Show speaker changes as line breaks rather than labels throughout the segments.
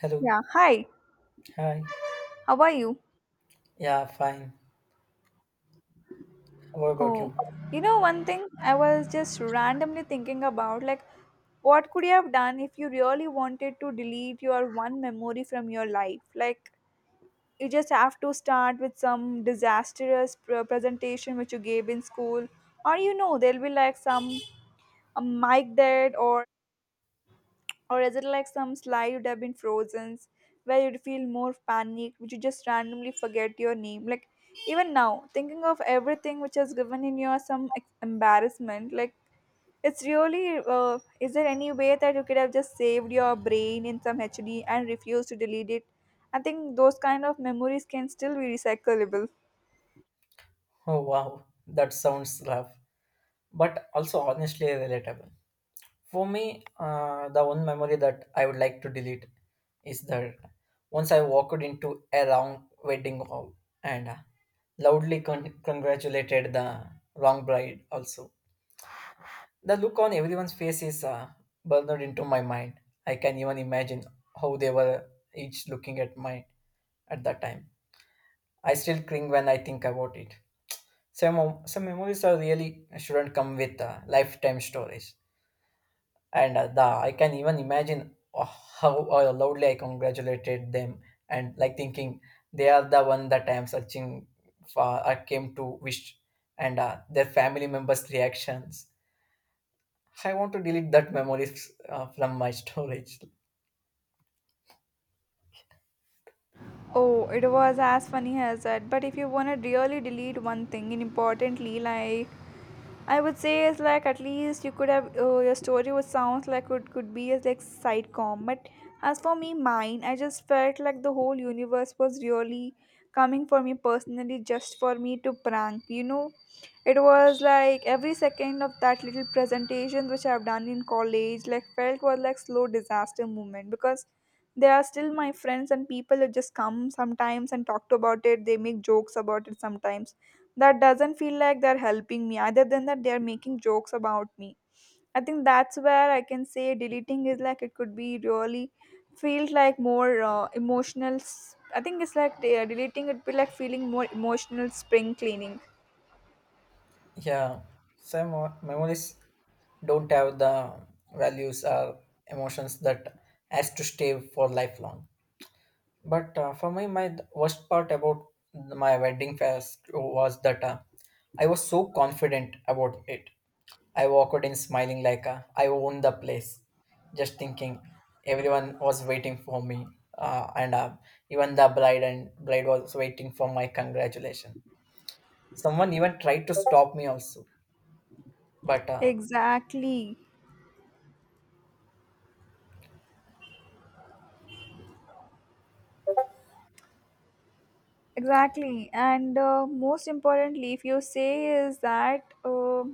Hello.
Yeah, hi.
Hi.
How are you?
Yeah, fine. How about
Oh,
you?
one thing I was just randomly thinking about, like, what could you have done if you really wanted to delete your one memory from your life? Like, you just have to start with some disastrous presentation which you gave in school, or there'll be like some a mic dead or is it like some slide you'd have been frozen, where you'd feel more panic, which you just randomly forget your name? Like, even now, thinking of everything which has given in you some embarrassment, like, it's really, is there any way that you could have just saved your brain in some HD and refused to delete it? I think those kind of memories can still be recyclable.
Oh, wow. That sounds rough, but also honestly relatable. For me, the one memory that I would like to delete is that once I walked into a wrong wedding hall and loudly congratulated the wrong bride also. The look on everyone's face is burned into my mind. I can even imagine how they were each looking at mine at that time I still cling when I think about it. Some memories are really shouldn't come with lifetime stories, and the I can even imagine how loudly I congratulated them, and like thinking they are the one that I am searching for. I came to wish, and their family members' reactions. I want to delete that memories from my storage.
Oh, it was as funny as that. But if you want to really delete one thing, and importantly, like, I would say it's like at least you could have your story was sounds like it could be as like sitcom, but as for me, mine, I just felt like the whole universe was really coming for me personally, just for me to prank. It was like every second of that little presentation which I've done in college, like felt was like slow disaster moment because they are still my friends and people who just come sometimes and talk to about it. They make jokes about it sometimes that doesn't feel like they're helping me other than that they're making jokes about me. I think that's where I can say deleting is like it could be really feels like more emotional I think it's like deleting it be like feeling more emotional spring cleaning.
Yeah, some memories don't have the values or emotions that has to stay for lifelong, but for me my worst part about my wedding fest was that I was so confident about it. I walked in smiling like I owned the place, just thinking everyone was waiting for me and even the bride was waiting for my congratulation. Someone even tried to stop me also, but
Exactly, exactly, and most importantly if you say is that uh,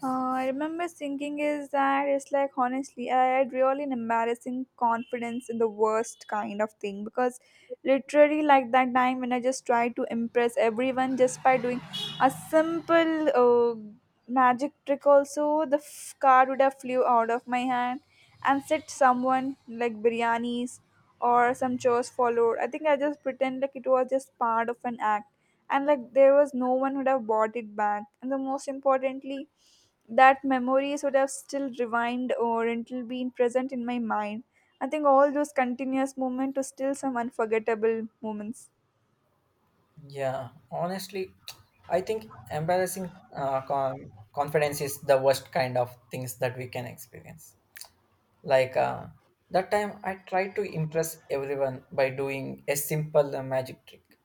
Uh, I remember thinking is that it's like honestly, I had really an embarrassing confidence in the worst kind of thing because literally like that time when I just tried to impress everyone just by doing a simple magic trick also the card would have flew out of my hand and set someone like biryanis or some chores followed. I think I just pretend like it was just part of an act, and like there was no one would have bought it back, and the most importantly that memories would have still revived or until will been present in my mind. I think all those continuous moments are still some unforgettable moments.
yeah, honestly, I think embarrassing confidence is the worst kind of things that we can experience. Like that time, I tried to impress everyone by doing a simple magic trick.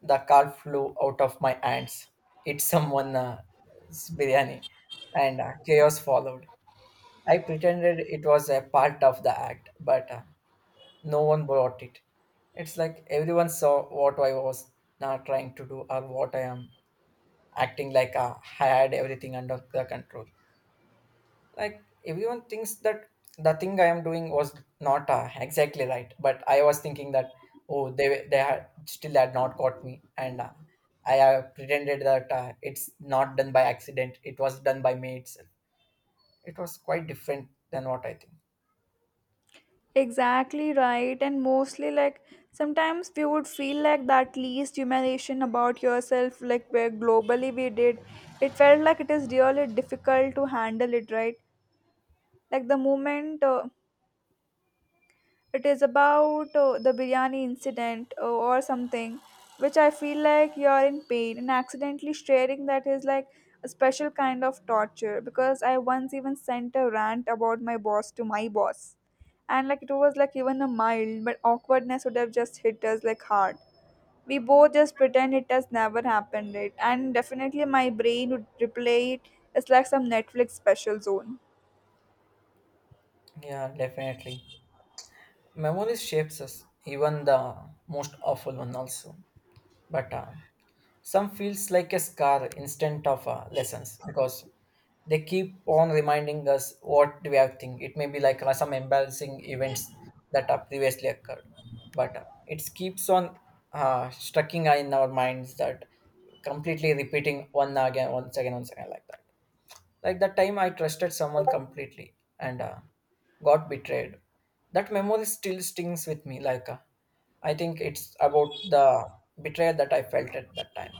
The car flew out of my hands. It's someone biryani, and chaos followed. I pretended it was a part of the act, but no one brought it. It's like everyone saw what I was not trying to do, or what I am acting like. I had everything under the control. Like everyone thinks that the thing I am doing was not exactly right, but I was thinking that oh, they had still had not caught me, and I pretended that it's not done by accident. It was done by me itself. It was quite different than what I think.
Exactly right, and mostly like sometimes we would feel like that least humiliation about yourself, like where globally we did, it felt like it is really difficult to handle it, right? Like the moment it is about the biryani incident or something, which I feel like you're in pain and accidentally sharing that is like a special kind of torture because I once even sent a rant about my boss to my boss. And like it was like even a mild but awkwardness would have just hit us like hard. We both just pretend it has never happened, right? And definitely my brain would replay it. It's like some Netflix special zone.
Yeah, definitely. Memories shapes us, even the most awful one also. But some feels like a scar instead of lessons, because they keep on reminding us what we are thinking. It may be like some embarrassing events that are previously occurred, but it keeps on striking in our minds, that completely repeating one again, once again, once again, like that. Like that time I trusted someone completely and got betrayed. That memory still stings with me. Like I think it's about the betrayal that I felt at that time.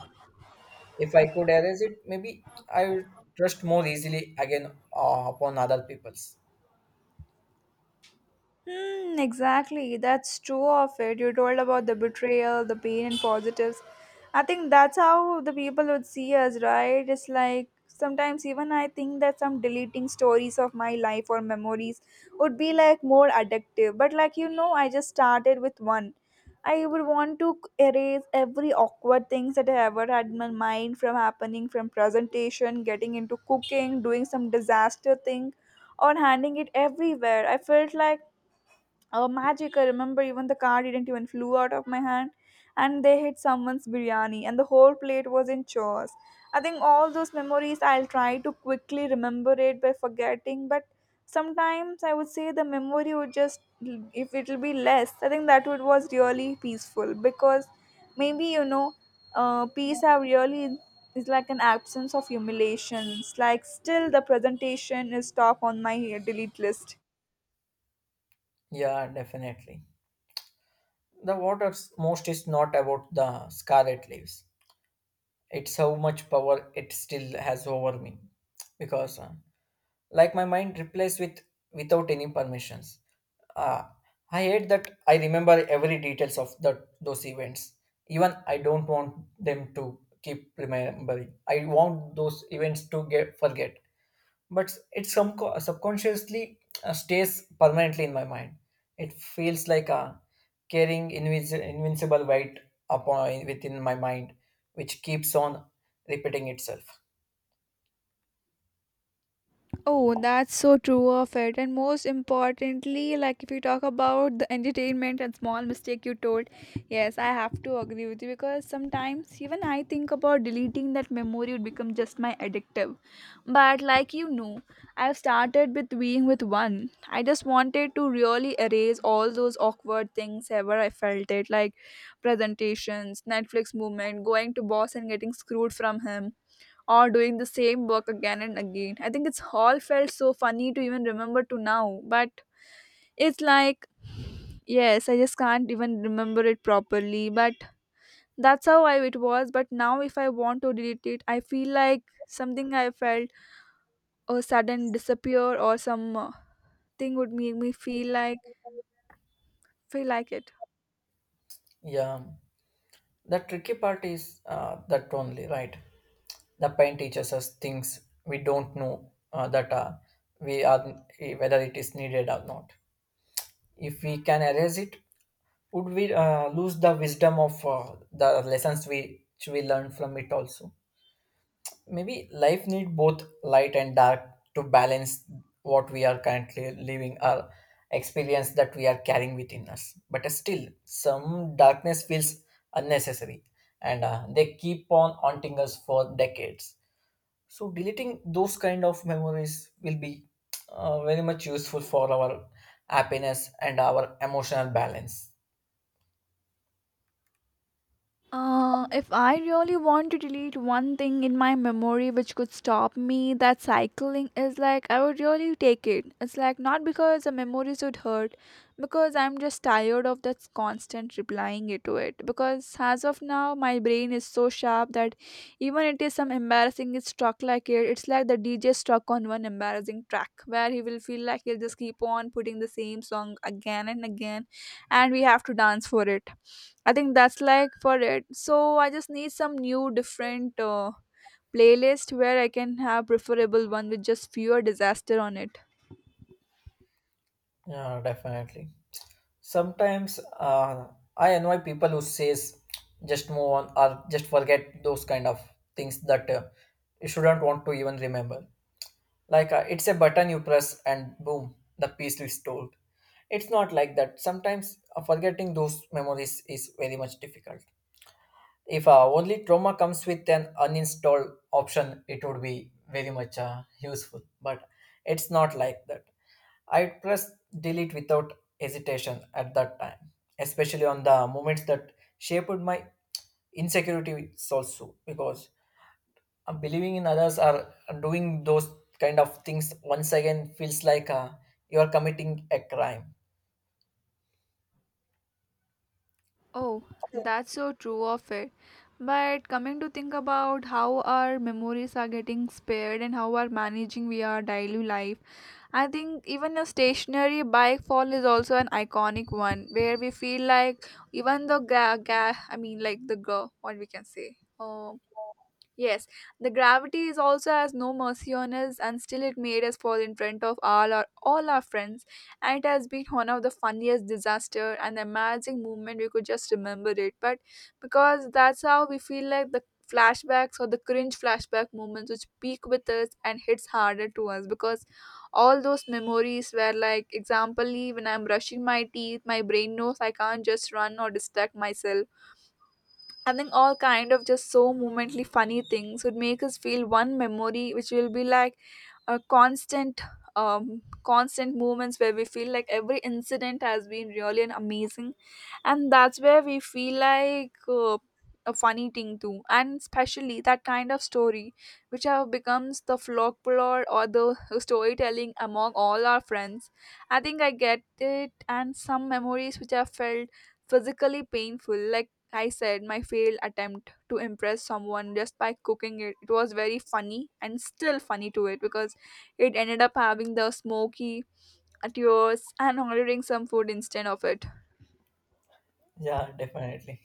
If I could arrange it, maybe I will trust more easily again upon other people's.
Exactly. That's true of it. You told about the betrayal, the pain, and positives. I think that's how the people would see us, right? It's like sometimes even I think that some deleting stories of my life or memories would be like more addictive. But I just started with one. I would want to erase every awkward things that I ever had in my mind from happening, from presentation, getting into cooking, doing some disaster thing, or handing it everywhere. I felt like oh, magic. I remember even the car didn't even flew out of my hand and they hit someone's biryani and the whole plate was in chaos. I think all those memories I'll try to quickly remember it by forgetting, but sometimes I would say the memory would just if it'll be less. I think that would was really peaceful because maybe peace have really is like an absence of humiliations. Like still the presentation is top on my delete list.
Yeah, definitely. The water's most is not about the scarlet leaves. It's how much power it still has over me. Because, like my mind replays without any permissions. Uh, I hate that I remember every details of that those events. Even I don't want them to keep remembering. I want those events to get forget, but it some subconsciously stays permanently in my mind. It feels like a carrying invincible weight upon within my mind, which keeps on repeating itself.
Oh, that's so true of it. And most importantly, like if you talk about the entertainment and small mistake you told, yes, I have to agree with you because sometimes even I think about deleting that memory would become just my addictive. But I've started with being with one. I just wanted to really erase all those awkward things ever I felt it, like presentations, Netflix movement, going to boss and getting screwed from him or doing the same work again and again. I think it's all felt so funny to even remember to now, but it's like yes, I just can't even remember it properly, but that's how I it was. But now if I want to delete it, I feel like something I felt a sudden disappear or some thing would make me feel like it.
Yeah, the tricky part is that only, right? The pain teaches us things we don't know that we are whether it is needed or not. If we can erase it, would we lose the wisdom of the lessons we which we learn from it also? Maybe life need both light and dark to balance what we are currently living, our experience that we are carrying within us, but still some darkness feels unnecessary, and they keep on haunting us for decades. So deleting those kind of memories will be very much useful for our happiness and our emotional balance.
If I really want to delete one thing in my memory which could stop me, that cycling is like I would really take it. It's like not because the memories would hurt, because I'm just tired of that constant replying it to it. Because as of now, my brain is so sharp that even it is some embarrassing is struck like it. It's like the DJ struck on one embarrassing track where he will feel like he'll just keep on putting the same song again and again, and we have to dance for it. I think that's like for it, so I just need some new different playlist where I can have preferable one with just fewer disaster on it.
Yeah, definitely. Sometimes I annoy people who says just move on or just forget those kind of things that you shouldn't want to even remember. Like it's a button you press and boom, the piece is told. It's not like that. Sometimes forgetting those memories is very much difficult. If only trauma comes with an uninstalled option, it would be very much useful, but it's not like that. I press delete without hesitation at that time, especially on the moments that shaped my insecurities also, because believing in others, are doing those kind of things once again feels like you are committing a crime.
Oh, that's so true of it. But coming to think about how our memories are getting spared and how are managing we our daily life, I think even a stationary bike fall is also an iconic one where we feel like even the ga ga I mean like the girl what we can say. Yes, the gravity is also has no mercy on us, and still it made us fall in front of all our friends. And it has been one of the funniest disaster and amazing moment. We could just remember it, but because that's how we feel like the flashbacks or the cringe flashback moments which peak with us and hits harder to us because all those memories were like example, when I'm brushing my teeth my brain knows I can't just run or distract myself. I think all kind of just so momently funny things would make us feel one memory, which will be like a constant, constant moments where we feel like every incident has been really an amazing, and that's where we feel like a funny thing too, and especially that kind of story, which have becomes the folklore or the storytelling among all our friends. I think I get it, and some memories which have felt physically painful like I said my failed attempt to impress someone just by cooking it. It was very funny and still funny to it because it ended up having the smoky at yours and ordering some food instead of it.
Yeah, definitely.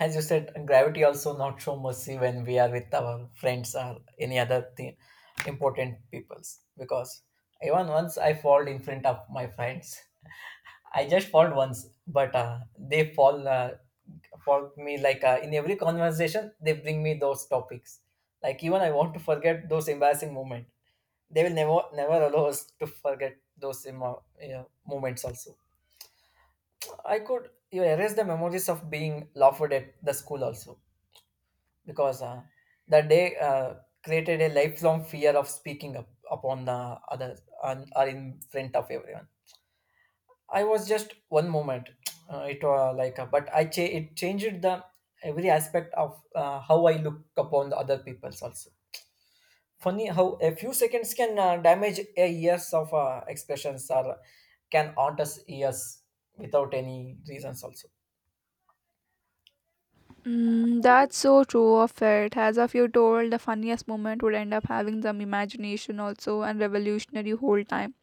As you said, gravity also not show mercy when we are with our friends or any other thing, important peoples, because even once I fall in front of my friends, I just fall once, but they fall for me, like in every conversation they bring me those topics. Like even I want to forget those embarrassing moment, they will never never allow us to forget those you know, moments also. I could you erase the memories of being laughed at the school also, because that day created a lifelong fear of speaking up upon the others and are in front of everyone. I was just one moment. It was like, but I it changed the every aspect of how I look upon the other people's also. Funny how a few seconds can damage a years of expressions, or can haunt us years without any reasons also.
That's so true of it. As of you told, the funniest moment would end up having some imagination also and revolutionary whole time.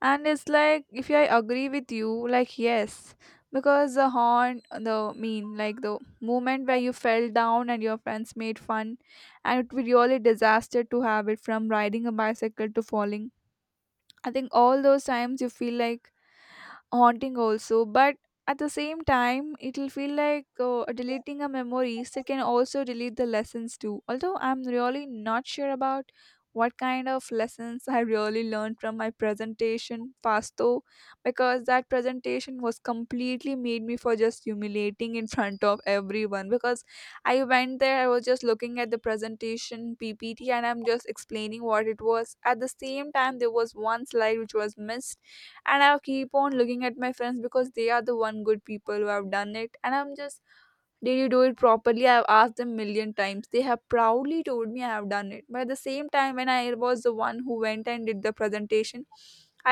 And it's like if I agree with you, like yes, because the horn, the mean, like the moment where you fell down and your friends made fun, and it would be really disaster to have it from riding a bicycle to falling. I think all those times you feel like haunting also, but at the same time it'll feel like deleting a memories that can also delete the lessons too, although I'm really not sure about what kind of lessons I really learned from my presentation past though, because that presentation was completely made me for just humiliating in front of everyone because I went there, I was just looking at the presentation PPT and I'm just explaining what it was, at the same time there was one slide which was missed, and I keep on looking at my friends because they are the one good people who have done it, and I'm just did you do it properly, I've asked them million times, they have proudly told me I have done it, but at the same time when I was the one who went and did the presentation,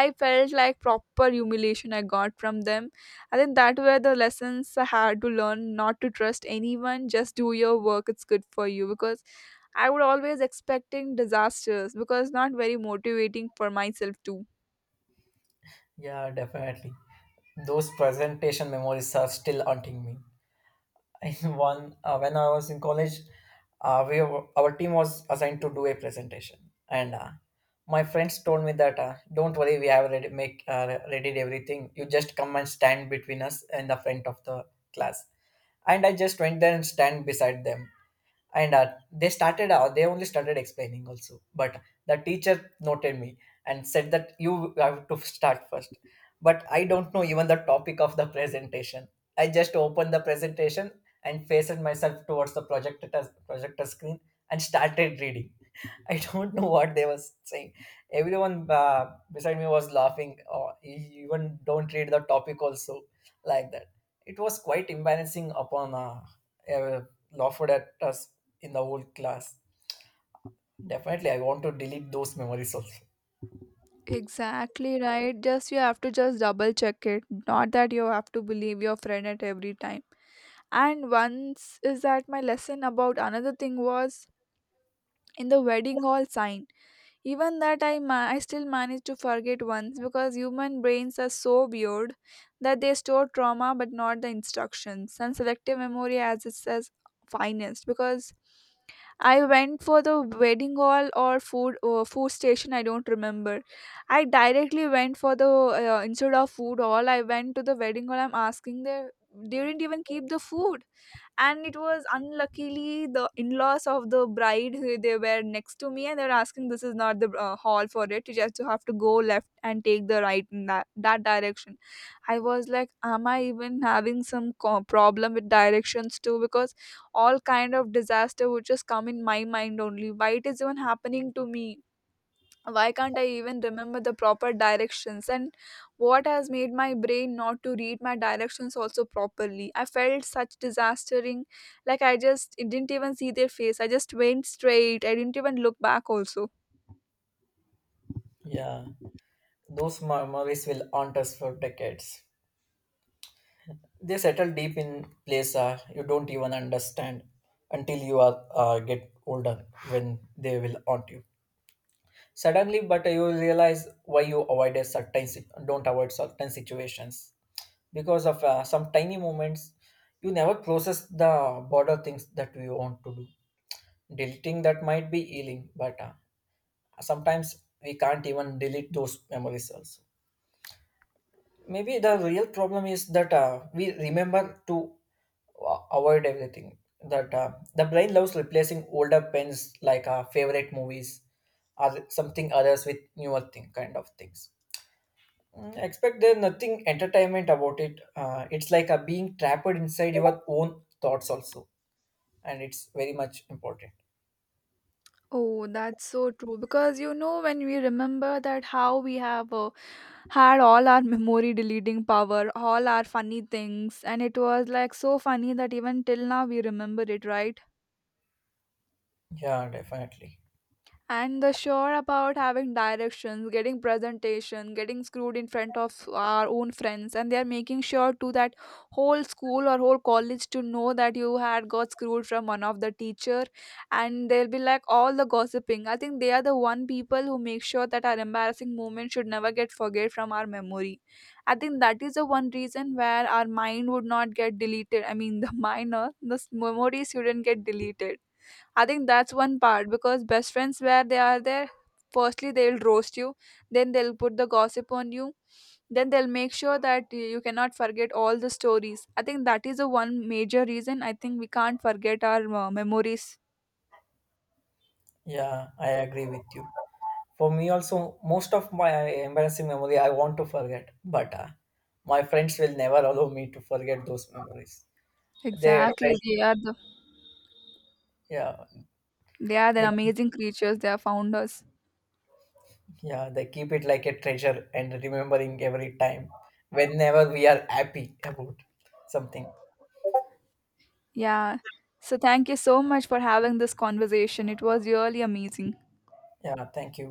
I felt like proper humiliation I got from them. I think that were the lessons I had to learn, not to trust anyone, just do your work, it's good for you, because I would always expecting disasters because not very motivating for myself too.
Yeah, definitely. Those presentation memories are still haunting me. In one when I was in college, our team was assigned to do a presentation, and my friends told me that don't worry, we have readied everything. You just come and stand between us in the front of the class, and I just went there and stand beside them, and they only started explaining also, but the teacher noted me and said that you have to start first, but I don't know even the topic of the presentation. I just opened the presentation and faced myself towards the projector screen and started reading. I don't know what they was saying. Everyone beside me was laughing, or even don't read the topic also, like that. It was quite embarrassing upon uh, laughed at us in the whole class. Definitely, I want to delete those memories also.
Exactly right. Just you have to just double check it. Not that you have to believe your friend at every time. And once is that my lesson about another thing was in the wedding hall sign. Even that I still managed to forget once because human brains are so weird that they store trauma but not the instructions. And selective memory as it says finest because I went for the wedding hall or food food station. I don't remember. I directly went for the instead of food hall. I went to the wedding hall. I'm asking they didn't even keep the food, and it was unluckily the in-laws of the bride who they were next to me, and they were asking this is not the hall for it, you just have to go left and take the right in that direction. I was like am I even having some problem with directions too, because all kind of disaster would just come in my mind only, why it is even happening to me, why can't I even remember the proper directions, and what has made my brain not to read my directions also properly, I felt such disastering, like I just didn't even see their face, I just went straight, I didn't even look back also.
Yeah, those memories will haunt us for decades. They settle deep in place you don't even understand until you are get older, when they will haunt you suddenly, but you will realize why you avoided certain don't avoid certain situations because of some tiny moments. You never process the border things that we want to do. Deleting that might be healing, but sometimes we can't even delete those memories also. Maybe the real problem is that we remember to avoid everything, that the brain loves replacing older pens, like favorite movies or something others with newer thing kind of things. Mm, expect there nothing entertainment about it. It's like a being trapped inside your own thoughts also, and it's very much important.
Oh, that's so true. Because when we remember that how we have had all our memory deleting power, all our funny things, and it was like so funny that even till now we remember it, right?
Yeah, definitely.
And the sure about having directions getting presentation getting screwed in front of our own friends, and they are making sure to that whole school or whole college to know that you had got screwed from one of the teacher, and they'll be like all the gossiping. I think they are the one people who make sure that our embarrassing moment should never get forget from our memory. I think that is the one reason where our mind would not get deleted, I mean the minor the memories shouldn't get deleted. I think that's one part because best friends, where they are there, firstly they'll roast you, then they'll put the gossip on you, then they'll make sure that you cannot forget all the stories. I think that is the one major reason I think we can't forget our memories.
Yeah, I agree with you. For me also, most of my embarrassing memory I want to forget, but my friends will never allow me to forget those memories. they
Exactly,
tre- yeah.
they are the
They,
amazing creatures. They are founders.
yeah, they keep it like a treasure and remembering every time whenever we are happy about something.
Yeah. So thank you so much for having this conversation. It was really amazing.
Yeah, thank you.